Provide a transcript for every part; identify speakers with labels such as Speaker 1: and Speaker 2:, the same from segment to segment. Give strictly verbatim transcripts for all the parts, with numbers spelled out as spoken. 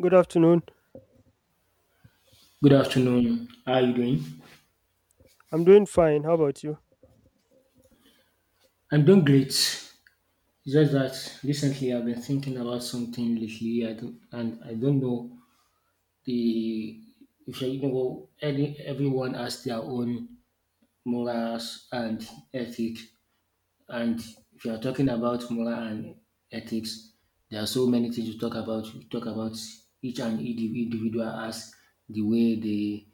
Speaker 1: Good afternoon.
Speaker 2: Good afternoon. How are you doing?
Speaker 1: I'm doing fine. How about you?
Speaker 2: I'm doing great. It's just that recently I've been thinking about something lately, I don't, and I don't know the if you know any everyone has their own morals and ethic, and if you are talking about moral and ethics, there are so many things to talk about. We talk about each and indiv- individual as the way they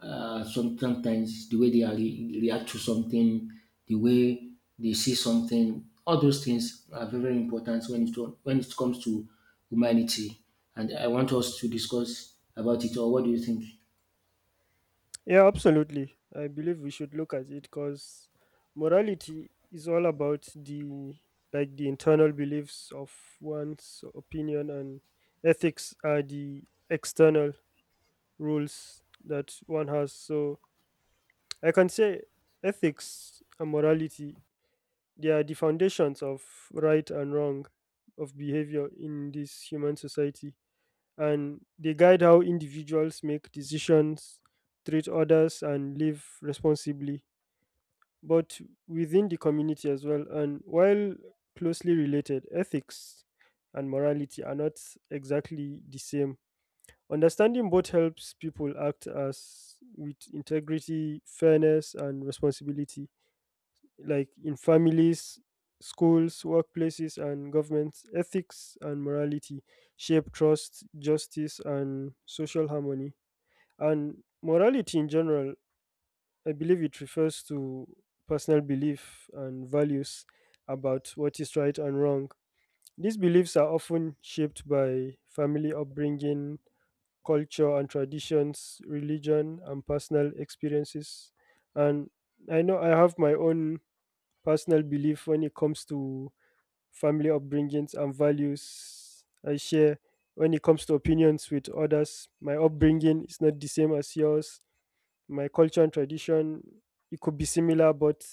Speaker 2: uh, some, sometimes the way they are re- react to something, the way they see something, all those things are very, very important when it, to, when it comes to humanity. And I want us to discuss about it, or what do you think?
Speaker 1: Yeah, absolutely. I believe we should look at it because morality is all about the like the internal beliefs of one's opinion, and ethics are the external rules that one has. So I can say ethics and morality, they are the foundations of right and wrong, of behavior in this human society. And they guide how individuals make decisions, treat others, and live responsibly, but within the community as well. And while closely related, ethics and morality are not exactly the same. Understanding both helps people act as with integrity, fairness, and responsibility like in families, schools, workplaces, and governments. Ethics and morality shape trust, justice, and social harmony. And morality in general, I believe it refers to personal belief and values about what is right and wrong. These beliefs are often shaped by family upbringing, culture and traditions, religion, and personal experiences. And I know I have my own personal belief when it comes to family upbringings, and values I share when it comes to opinions with others. My upbringing is not the same as yours. My culture and tradition, it could be similar, but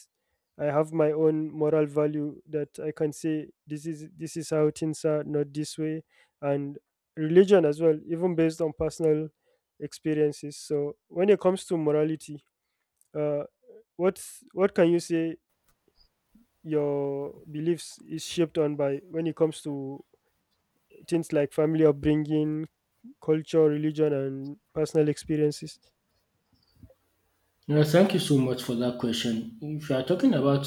Speaker 1: I have my own moral value that I can say this is this is how things are, not this way. And religion as well, even based on personal experiences. So when it comes to morality, uh, what what can you say your beliefs is shaped on by when it comes to things like family upbringing, culture, religion, and personal experiences.
Speaker 2: Yeah, thank you so much for that question. If you are talking about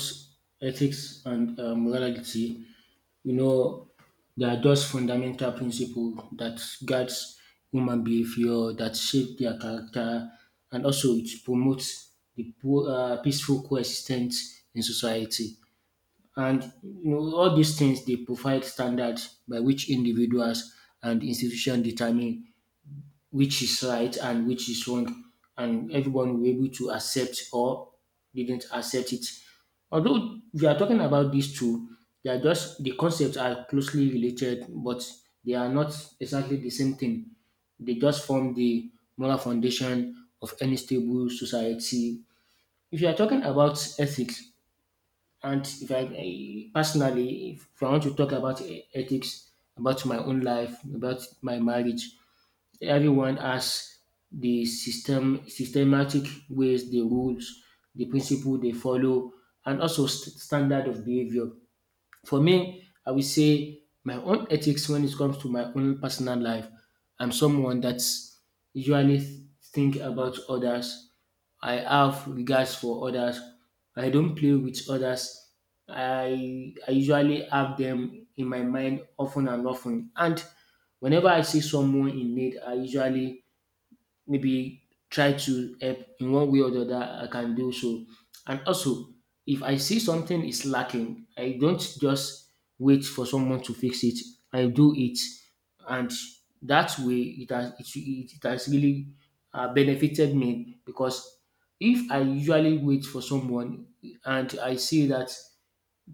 Speaker 2: ethics and uh, morality, you know, there are just fundamental principles that guides human behavior, that shape their character, and also it promotes the po- uh, peaceful coexistence in society. And you know, all these things they provide standards by which individuals and institutions determine which is right and which is wrong, and everyone will be able to accept or didn't accept it. Although we are talking about these two, they are just the concepts are closely related, but they are not exactly the same thing. They just form the moral foundation of any stable society. If you are talking about ethics, and if I eh, personally, if I want to talk about eh, ethics, about my own life, about my marriage, everyone has the system systematic ways, the rules, the principle they follow, and also st- standard of behavior. For me, I will say my own ethics when it comes to my own personal life. I'm someone that's usually th- think about others. I have regards for others. I don't play with others. I I usually have them in my mind often and often. And whenever I see someone in need, I usually maybe try to help in one way or the other I can do so. And also if I see something is lacking, I don't just wait for someone to fix it. I do it, and that way it has it, it has really uh, benefited me because if I usually wait for someone and I see that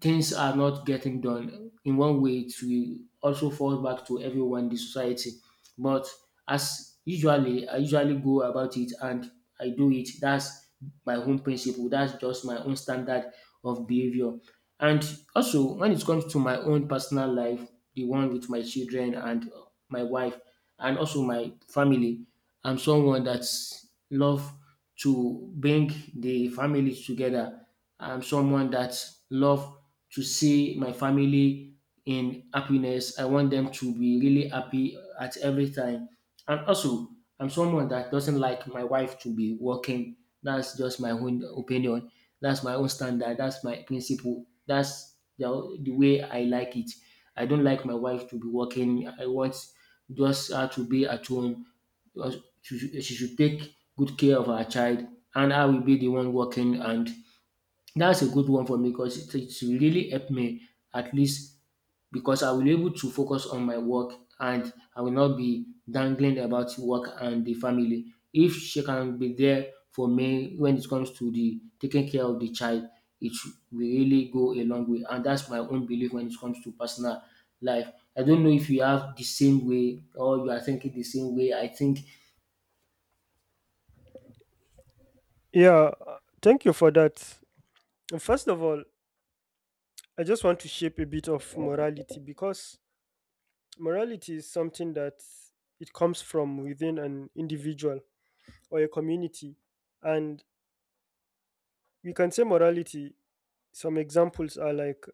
Speaker 2: things are not getting done in one way it will also fall back to everyone in the society, but as usually I usually go about it and I do it. That's my own principle. That's just my own standard of behavior. And also when it comes to my own personal life, the one with my children and my wife and also my family, I'm someone that's love to bring the family together. I'm someone that love to see my family in happiness. I want them to be really happy at every time. And also, I'm someone that doesn't like my wife to be working. That's just my own opinion. That's my own standard. That's my principle. That's the, the way I like it. I don't like my wife to be working. I want just her to be at home. She should she should take good care of her child, and I will be the one working, and that's a good one for me because it, it will really help me, at least because I will be able to focus on my work, and I will not be dangling about work and the family. If she can be there for me when it comes to the taking care of the child, it will really go a long way. And that's my own belief when it comes to personal life. I don't know if you have the same way or you are thinking the same way. I think.
Speaker 1: Yeah, uh, thank you for that. First of all, I just want to shape a bit of morality because morality is something that it comes from within an individual or a community. And we can say morality, some examples are like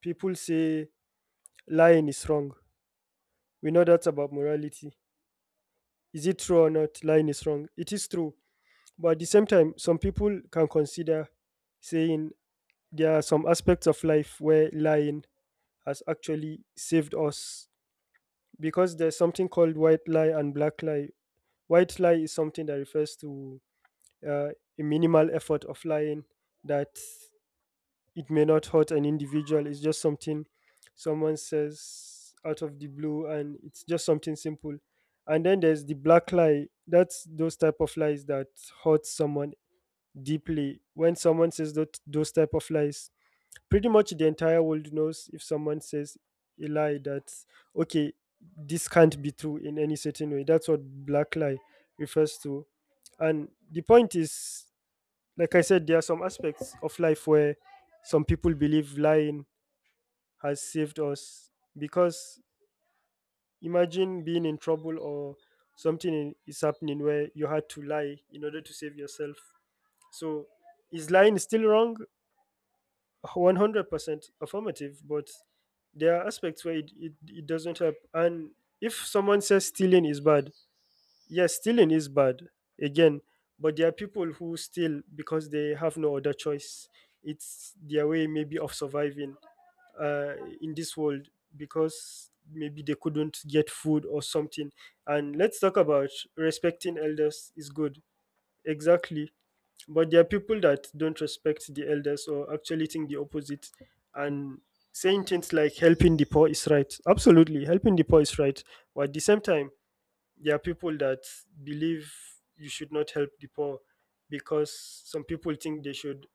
Speaker 1: people say lying is wrong. We know that's about morality. Is it true or not? Lying is wrong. It is true. But at the same time, some people can consider saying there are some aspects of life where lying has actually saved us because there's something called white lie and black lie. White lie is something that refers to uh, a minimal effort of lying that it may not hurt an individual. It's just something someone says out of the blue, and it's just something simple. And then there's the black lie. That's those type of lies that hurt someone deeply. When someone says that those type of lies, pretty much the entire world knows if someone says a lie that, okay, this can't be true in any certain way. That's what black lie refers to. And the point is, like I said, there are some aspects of life where some people believe lying has saved us because imagine being in trouble or something in- is happening where you had to lie in order to save yourself. So is lying still wrong? one hundred percent affirmative, but there are aspects where it, it, it doesn't help. And if someone says stealing is bad, yes, stealing is bad again, but there are people who steal because they have no other choice. It's their way maybe of surviving uh, in this world because maybe they couldn't get food or something. And let's talk about respecting elders is good. Exactly. But there are people that don't respect the elders or actually think the opposite, and saying things like helping the poor is right. Absolutely, helping the poor is right. But at the same time, there are people that believe you should not help the poor because some people think they should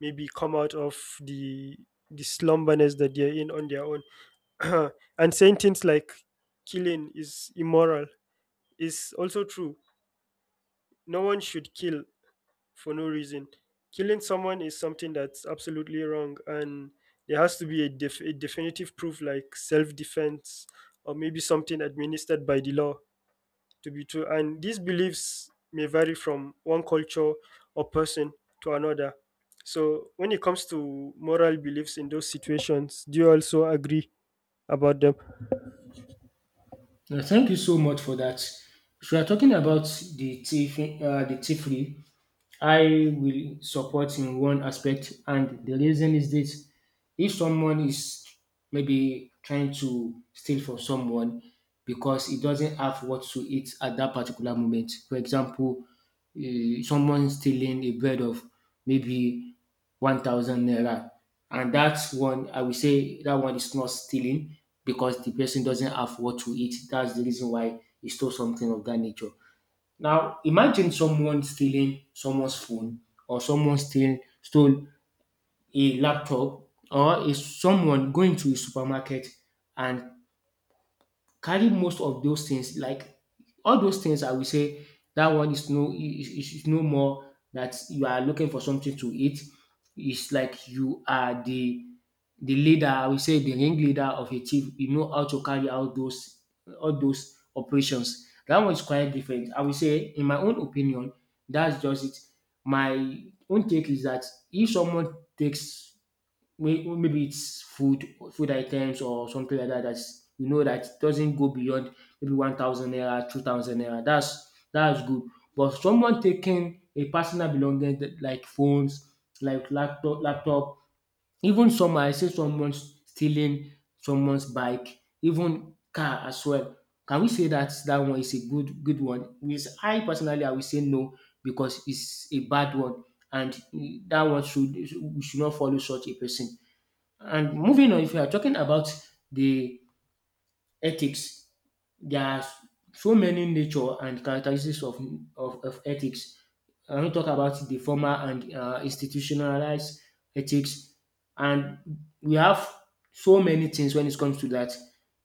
Speaker 1: maybe come out of the the slumberness that they're in on their own. And saying things like killing is immoral is also true. No one should kill for no reason. Killing someone is something that's absolutely wrong, and there has to be a, def- a definitive proof like self defense or maybe something administered by the law to be true. And these beliefs may vary from one culture or person to another. So when it comes to moral beliefs in those situations, do you also agree about them?
Speaker 2: Uh, Thank you so much for that. So we are talking about the thief, uh, the thievery I will support in one aspect, and the reason is this: if someone is maybe trying to steal from someone because he doesn't have what to eat at that particular moment, for example, uh, someone stealing a bread of maybe one thousand naira, and that one I will say that one is not stealing because the person doesn't have what to eat. That's the reason why he stole something of that nature. Now, imagine someone stealing someone's phone or someone steal, stole a laptop, or is someone going to a supermarket and carry most of those things, like all those things I will say that one is no is is is no more that you are looking for something to eat. It's like you are the the leader, I will say the ringleader of a team. You know how to carry out those all those operations. That one is quite different. I will say, in my own opinion, that's just it. My own take is that if someone takes may- maybe it's food food items or something like that, that's you know that doesn't go beyond maybe one thousand naira two thousand naira, that's that's good. But someone taking a personal belonging that- like phones, like laptop laptop, even some I see someone stealing someone's bike, even car as well, can we say that that one is a good good one? With I personally I will say no, because it's a bad one, and that one should we should not follow such a person. And moving on, if you are talking about the ethics, there are s- so many nature and characteristics of, of, of ethics. I want to talk about the formal and uh, institutionalized ethics, and we have so many things when it comes to that.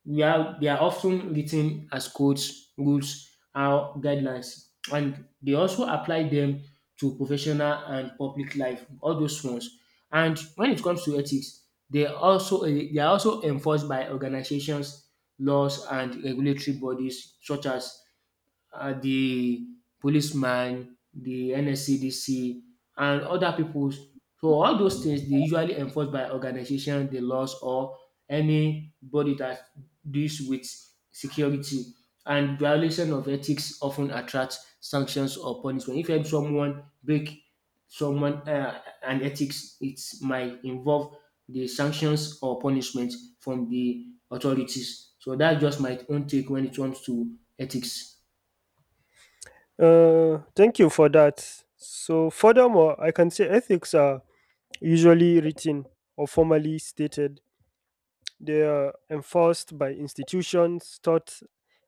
Speaker 2: We are they are often written as codes, rules, or guidelines, and they also apply them to professional and public life. All those ones, and when it comes to ethics, they also eh, they are also enforced by organizations, laws and regulatory bodies such as uh, the policeman, the N S C D C, and other peoples. So all those things dey usually enforced by organization, the laws or anybody that deals with security. And violation of ethics of ten attracts sanctions or punishment. If um someone break someone um an ethics, it might involve the sanctions or punishment from the authorities. So that's just my own take when it comes to ethics.
Speaker 1: Uh, thank you for that. So, furthermore, I can say ethics are usually written or formally stated. They are enforced by institutions, taught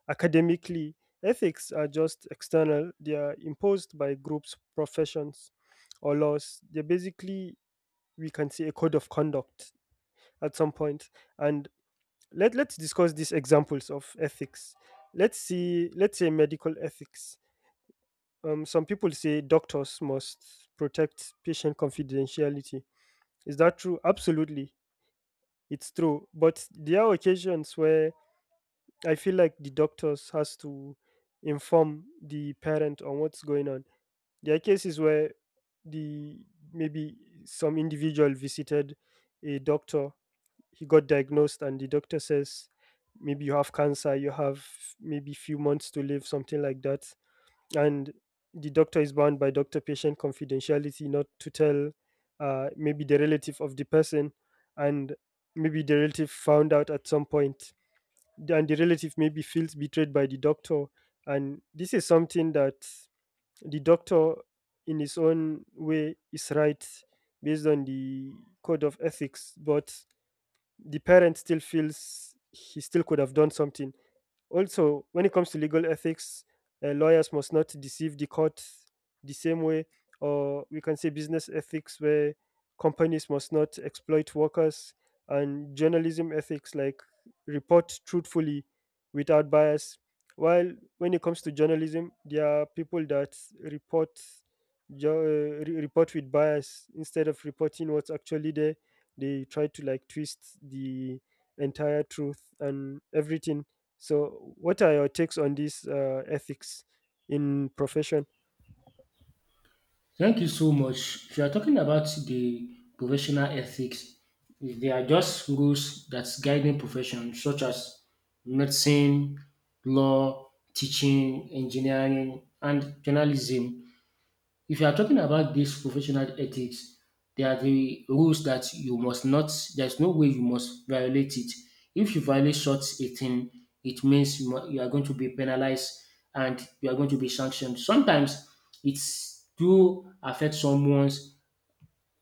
Speaker 1: academically. Ethics are just external, they are imposed by groups, professions, or laws. They're basically, we can say, a code of conduct at some point. And let, let's discuss these examples of ethics. Let's see, let's say medical ethics. Um, some people say doctors must protect patient confidentiality. Is that true? Absolutely, it's true. But there are occasions where I feel like the doctors has to inform the parent on what's going on. There are cases where the maybe some individual visited a doctor, he got diagnosed, and the doctor says maybe you have cancer, you have maybe few months to live, something like that, and the doctor is bound by doctor-patient confidentiality not to tell, uh, maybe the relative of the person, and maybe the relative found out at some point, and the relative maybe feels betrayed by the doctor. And this is something that the doctor in his own way is right based on the code of ethics, but the parent still feels he still could have done something. Also, when it comes to legal ethics, uh, lawyers must not deceive the court the same way, or we can say business ethics, where companies must not exploit workers, and journalism ethics, like report truthfully without bias. While when it comes to journalism, there are people that report jo- uh, re- report with bias instead of reporting what's actually there. They try to like twist the entire truth and everything. So, what are your takes on these uh, ethics in profession?
Speaker 2: Thank you so much. If you are talking about the professional ethics, they are just rules that guiding professions such as medicine, law, teaching, engineering, and journalism. If you are talking about this professional ethics, there are the rules that you must not, there's no way you must violate it. If you violate such a thing, it means you, mu- you are going to be penalized and you are going to be sanctioned. Sometimes it's do affect someone's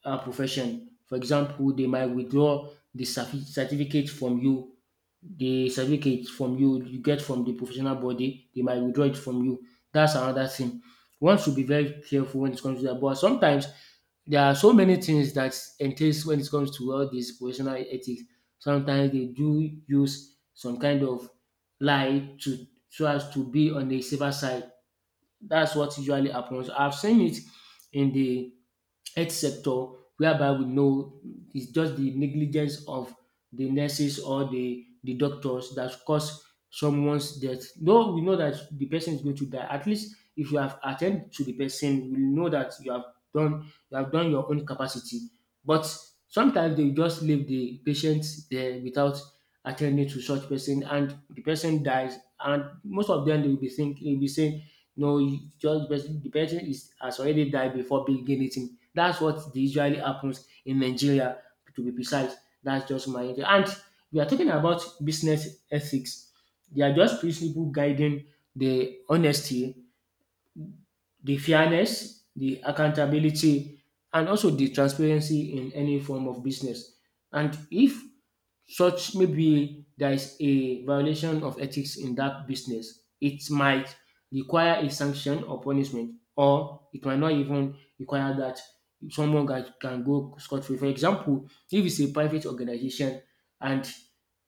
Speaker 2: uh, profession. For example, they might withdraw the certi- certificate from you the certificate from you you get from the professional body, they might withdraw it from you. That's another thing. One should be very careful when it comes to that. But sometimes there are so many things that entails when it comes to all this professional ethics. Sometimes they do use some kind of lie to so as to be on the safer side. That's what usually happens. I've seen it in the health sector whereby we know it's just the negligence of the nurses or the the doctors that cause someone's death. Though we know that the person is going to die, at least if you have attended to the person, we know that you have done you have done your own capacity. But sometimes they just leave the patient there without attending to such person, and the person dies. And most of them they will be thinking, they will be saying, "No, you just the person the person is has already died before being anything." That's what usually happens in Nigeria, to be precise. That's just my idea. And we are talking about business ethics. They are just principle guiding the honesty, the fairness, the accountability, and also the transparency in any form of business. And if such, maybe there is a violation of ethics in that business, it might require a sanction or punishment, or it might not even require that. Someone that can go scot free. For example, if it's a private organization and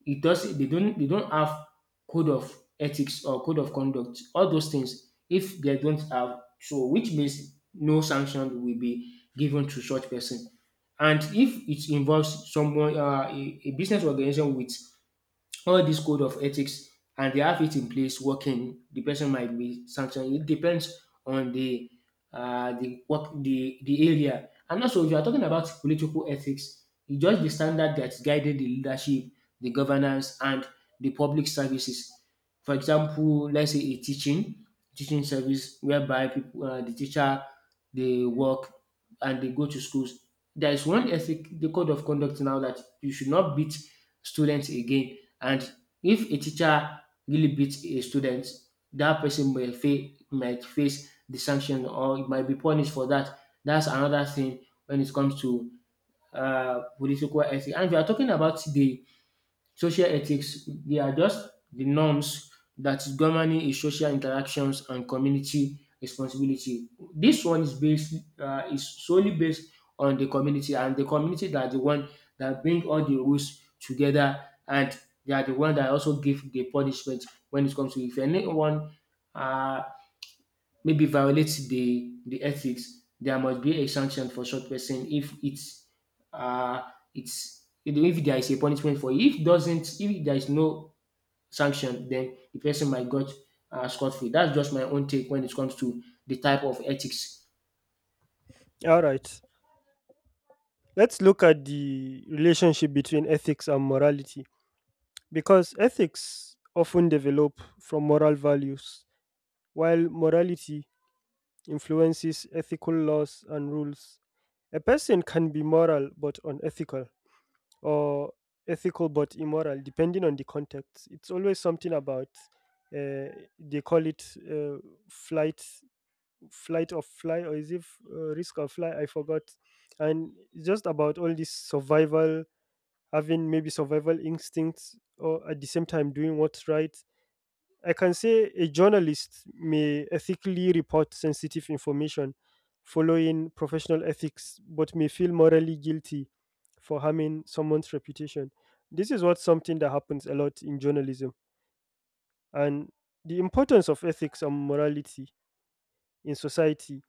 Speaker 2: it does they don't they don't have code of ethics or code of conduct, all those things, if they don't have so, which means no sanction will be given to such person. And if it involves someone, uh, a, a business organization with all this code of ethics and they have it in place working, the person might be sanctioned. It depends on the uh, the work, the the area. And also, if you are talking about political ethics, it's just the standard that's guided the leadership, the governance, and the public services. For example, let's say a teaching teaching service whereby people, uh, the teacher, they work and they go to schools. There is one ethic, the code of conduct now, that you should not beat students again. And if a teacher really beats a student, that person may fa- might face the sanction, or it might be punished for that. That's another thing when it comes to uh, political ethics. And we are talking about the social ethics, they are just the norms that is governing a social interactions and community responsibility. This one is based uh, is solely based on the community, and the community that are the one that bring all the rules together, and they are the one that also give the punishment when it comes to if anyone uh, maybe violates the the ethics. There must be a sanction for such person if it's uh it's, if there is a punishment for it. If doesn't if there is no sanction, then the person might got uh, scot free. That's just my own take when it comes to the type of ethics.
Speaker 1: All right. Let's look at the relationship between ethics and morality, because ethics often develop from moral values, while morality influences ethical laws and rules. A person can be moral but unethical, or ethical but immoral, depending on the context. It's always something about, uh, they call it, uh, flight, flight of fly, or is it uh, risk of fly? I forgot. And it's just about all this survival, having maybe survival instincts, or at the same time doing what's right. I can say a journalist may ethically report sensitive information following professional ethics, but may feel morally guilty for harming someone's reputation. This is what something that happens a lot in journalism. And the importance of ethics and morality in society,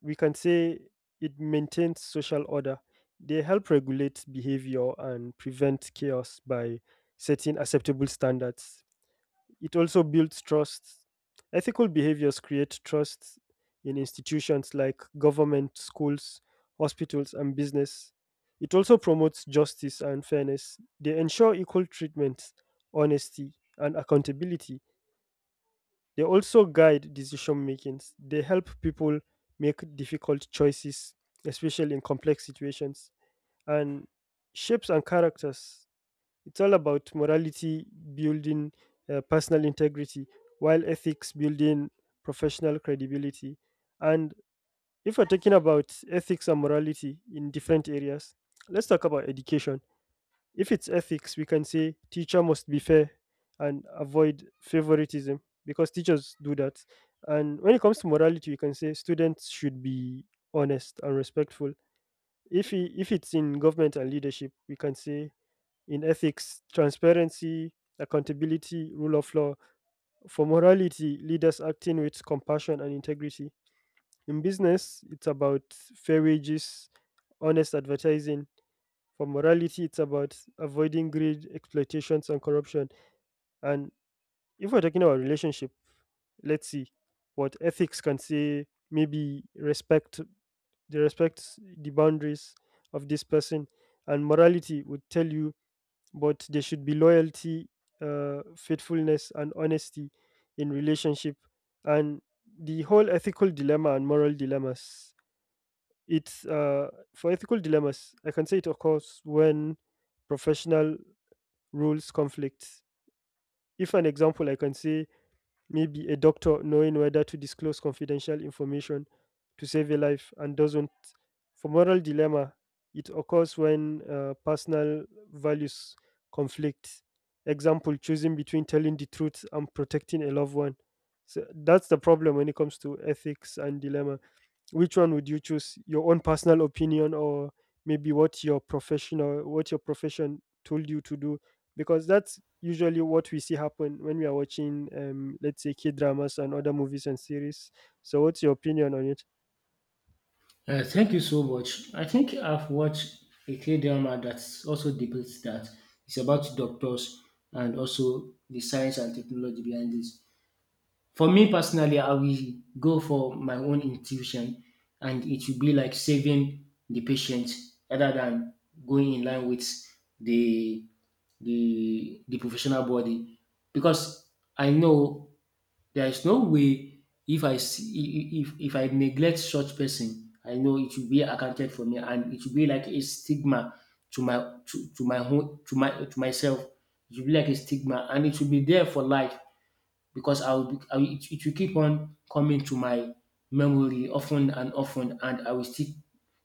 Speaker 1: we can say it maintains social order. They help regulate behavior and prevent chaos by setting acceptable standards. It also builds trust. Ethical behaviors create trust in institutions like government, schools, hospitals, and business. It also promotes justice and fairness. They ensure equal treatment, honesty, and accountability. They also guide decision making. They help people make difficult choices, especially in complex situations, and shapes and characters. It's all about morality building uh, personal integrity, while ethics building professional credibility. And if we're talking about ethics and morality in different areas, let's talk about education. If it's ethics, we can say teacher must be fair and avoid favoritism because teachers do that. And when it comes to morality, we can say students should be honest and respectful. If i- if it's in government and leadership, we can say in ethics, transparency, accountability, rule of law. For morality, leaders acting with compassion and integrity. In business, it's about fair wages, honest advertising. For morality, it's about avoiding greed, exploitations, and corruption. And if we're talking about relationship, let's see what ethics can say. Maybe respect, the respect the boundaries of this person, and morality would tell you but there should be loyalty, uh, faithfulness, and honesty in relationship. And the whole ethical dilemma and moral dilemmas. It's uh, for ethical dilemmas. I can say it occurs when professional rules conflict. If an example, I can say maybe a doctor knowing whether to disclose confidential information to save a life, and doesn't. For moral dilemma, it occurs when uh, personal values conflict. Example, choosing between telling the truth and protecting a loved one. So that's the problem when it comes to ethics and dilemma, which one would you choose, your own personal opinion, or maybe what your professional, what your profession told you to do, because that's usually what we see happen when we are watching, um, let's say kid dramas and other movies and series. So what's your opinion on it?
Speaker 2: Uh, thank you so much. I think I've watched a K drama that also depicts that. It's about doctors and also the science and technology behind this. For me personally, I will go for my own intuition, and it will be like saving the patient rather than going in line with the the the professional body, because I know there is no way. If I see, if if I neglect such person, I know it will be accounted for me, and it will be like a stigma to my to, to my home, to my, to myself. It will be like a stigma and it will be there for life, because I'll be, I will, it, it will keep on coming to my memory often and often, and I will still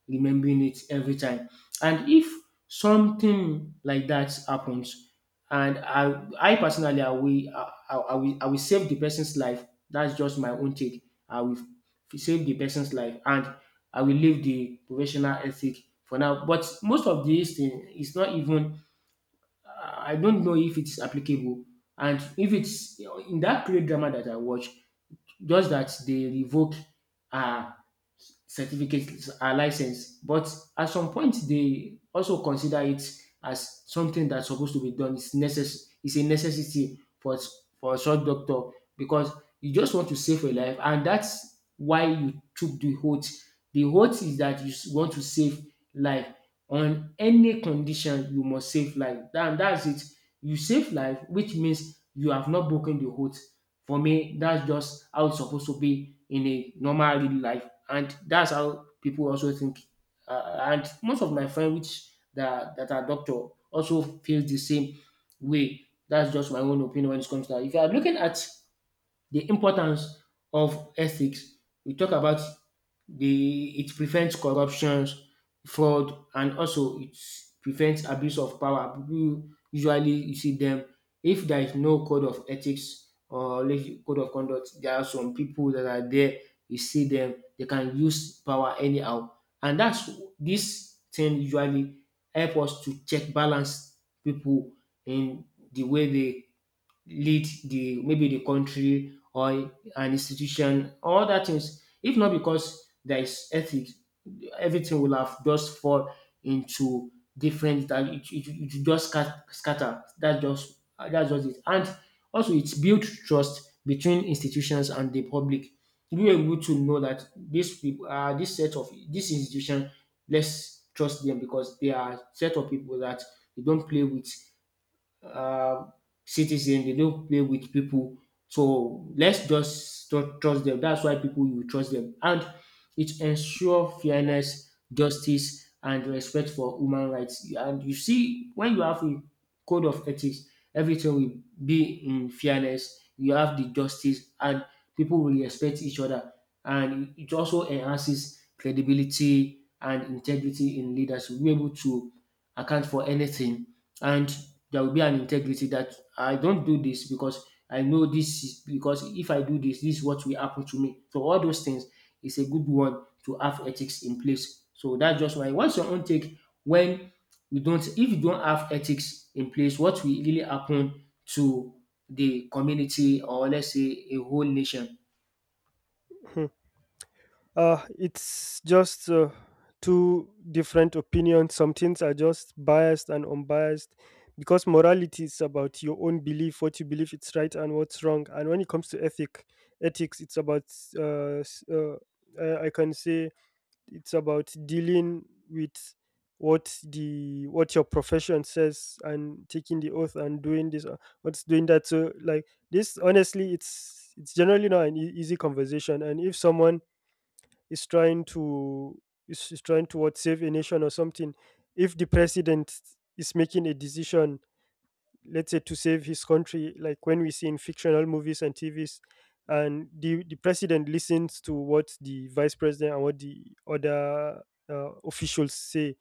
Speaker 2: remembering it every time. And if something like that happens, and I, I personally, I will, I, I, I will, I will save the person's life. That's just my own take. I will f- save the person's life, and I will leave the professional ethic for now. But most of these things is not even, I don't know if it's applicable. And if it's in that period drama that I watch, just that they revoke her certificate, her license. But at some point, they also consider it as something that's supposed to be done. It's necess- it's a necessity for s- for a short doctor, because you just want to save a life, and that's why you took the oath. The oath is that you s- want to save life on any condition. You must save life, and that's it. You save life, which means you have not broken the oath. For me, that's just how it's supposed to be in a normal real life, and that's how people also think. Uh, and most of my friends which that that are doctor also feel the same way. That's just my own opinion when it comes to that. If you are looking at the importance of ethics, we talk about the, it prevents corruptions, fraud, and also it prevents abuse of power. Pipu usually you see dem, if there is no code of ethics or leg- code of conduct, there are some pipu dat are there, you see dem dey can use power anyhow. And dats dis thing usually help us to check balance pipu in the way they lead the, maybe the country or an institution or other things. If not because there is ethics, everything will have just fall into different, that it, it, it will just scat- scatter. That's just that's just it. And also it builds trust between institutions and the public. You are able to know that these people, uh, this set of this institution, let's trust them, because they are set of people that you don't play with, uh, citizen, they don't play with people. So let's just tru- trust them. That's why people you trust them. And it ensure fairness, justice, and respect for human rights. And you see, when you have a code of ethics, everything will be in fairness, you have the justice, and people will respect each other. And it also enhances credibility and integrity in leaders. We're able to account for anything, and there will be an integrity that I don't do this, because I know this is, because if I do this, this is what will happen to me. So all those things is a good one, to have ethics in place. So that's just why. What's your own take when we don't, if you don't have ethics in place, what will really happen to the community, or let's say a whole nation?
Speaker 1: Hmm. Uh, it's just uh, two different opinions. Some things are just biased and unbiased because morality is about your own belief, what you believe it's right and what's wrong. And when it comes to ethic, ethics, it's about uh, s- uh, I I can say it's about dealing with what the what your profession says and taking the oath and doing this uh, what's doing that, so like this, honestly, it's it's generally not an e- easy conversation. And if someone is trying to is, is trying to, what, save a nation or something, if the president is making a decision, let's say to save his country, like when we see in fictional movies and TVs, and the, the president listens to what the vice president and what the other uh, officials say,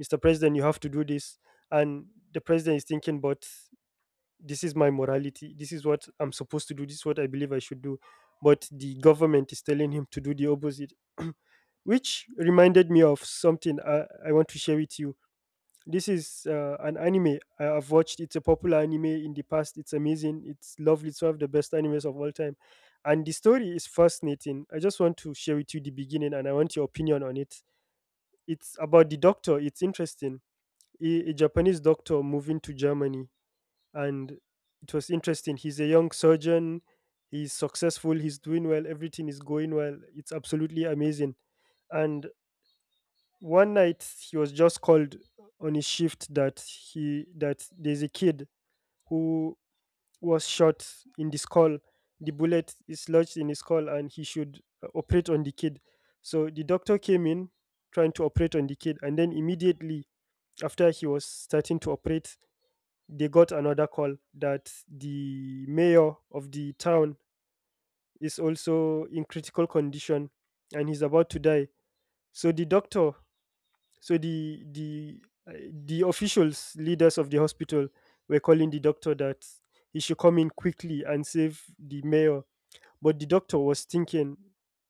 Speaker 1: "Mr. President, you have to do this," and the president is thinking, but this is my morality, this is what I'm supposed to do, this is what I believe I should do, but the government is telling him to do the opposite, which reminded me of something i, I want to share with you. This is uh, an anime I- I've watched. It's a popular anime in the past. It's amazing, it's lovely, it's one of the best animes of all time, and the story is fascinating. I just want to share with you the beginning, and I want your opinion on it. It's about the doctor, it's interesting. A, a Japanese doctor moving to Germany, and it was interesting. He's a young surgeon. He's successful. He's doing well. Everything is going well. It's absolutely amazing. And one night he was just called on his shift that he that there's a kid who was shot in the skull. The bullet is lodged in his skull, and he should uh, operate on the kid. So the doctor came in trying to operate on the kid, and then immediately after he was starting to operate, they got another call that the mayor of the town is also in critical condition and he's about to die. So the doctor so the the uh, the officials, leaders of the hospital, were calling the doctor that he should come in quickly and save the mayor. But the doctor was thinking,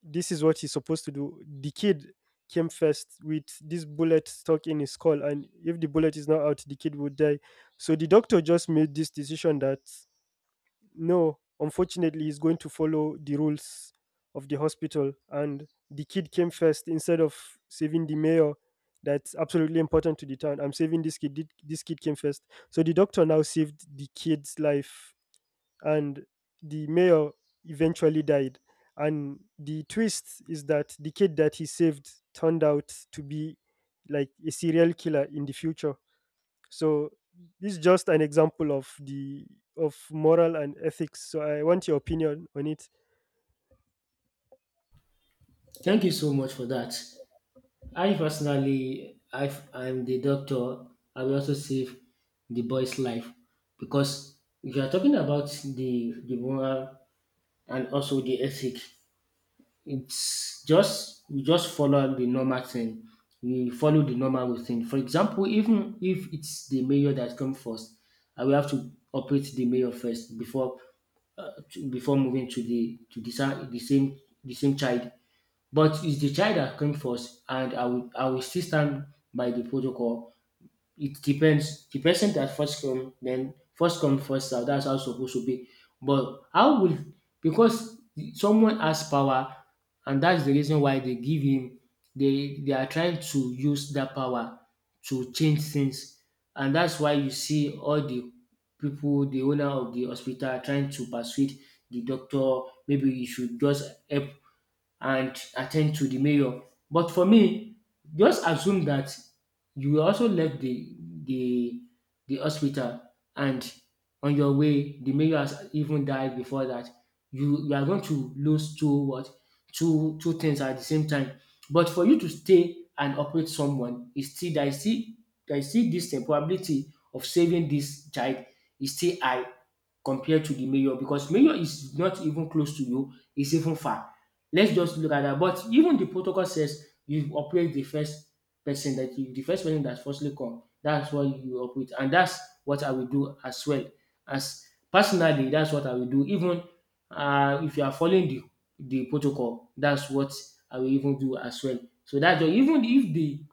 Speaker 1: this is what he's supposed to do. The kid came first with this bullet stuck in his skull, and if the bullet is not out, the kid would die. So the doctor just made this decision that no, unfortunately, he's going to follow the rules of the hospital, and the kid came first instead of saving the mayor. That's absolutely important to the town. I'm saving this kid. Thi- This kid came first. So the doctor now saved the kid's life, and the mayor eventually died. And the twist is that the kid that he saved turned out to be like a serial killer in the future. So this is just an example of the of moral and ethics. So I want your opinion on it.
Speaker 2: Thank you so much for that. I personally, I am the doctor. I will also save the boy's life, because if you are talking about the the moral and also the ethic, it's just we just follow the normal thing. We follow the normal thing. For example, even if it's the mayor that comes first, I will have to operate the mayor first before, uh, to- before moving to the to the, sa- the same the same child. But it's the child that came first, and I will I will still stand by the protocol. It depends. The person that first come, then first come first serve. That's how it's supposed to be. But how will, because someone has power, and that's the reason why they give him. They they are trying to use that power to change things, and that's why you see all the people, the owner of the hospital, are trying to persuade the doctor. Maybe you should just help and attend to the mayor. But for me, just assume that you will also left the the the hospital, and on your way the mayor has even died before that. You you are going to lose two what, two two things at the same time. But for you to stay and operate someone, is still, there is still there is still this eh, probability of saving this child is still high, compared to the mayor, because mayor is not even close to you, it's even far. Let's just look at that. But even the protocol says you operate the first person that you, the first person that firstly come. That's what you operate, and that's what I will do as well. As personally, that's what I will do. Even uh, if you are following the the protocol, that's what I will even do as well. So that's all. Even if the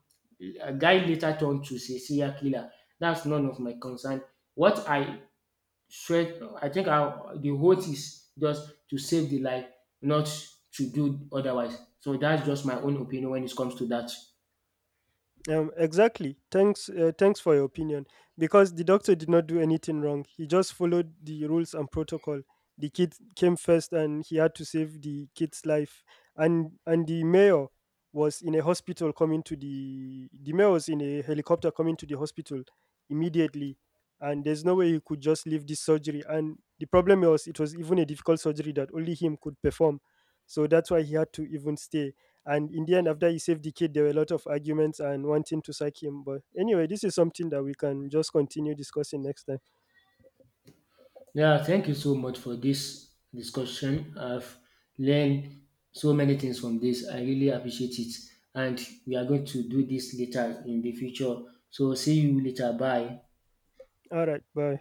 Speaker 2: a guy later turned to say serial killer, that's none of my concern. What I straight I think I, the oath is just to save the life, not to do otherwise. So that's just my own opinion when it comes to that.
Speaker 1: Um, exactly. Thanks. Uh, thanks for your opinion. Because the doctor did not do anything wrong. He just followed the rules and protocol. The kid came first, and he had to save the kid's life. And and the mayor was in a hospital coming to the the mayor was in a helicopter coming to the hospital immediately. And there's no way he could just leave this surgery. And the problem was it was even a difficult surgery that only him could perform. So that's why he had to even stay, and in the end, after he saved the kid, there were a lot of arguments and wanting to sack him. But anyway, this is something that we can just continue discussing next time.
Speaker 2: Yeah, thank you so much for this discussion. I've learned so many things from this. I really appreciate it. And we are going to do this later in the future. So see you later. Bye.
Speaker 1: All right, bye.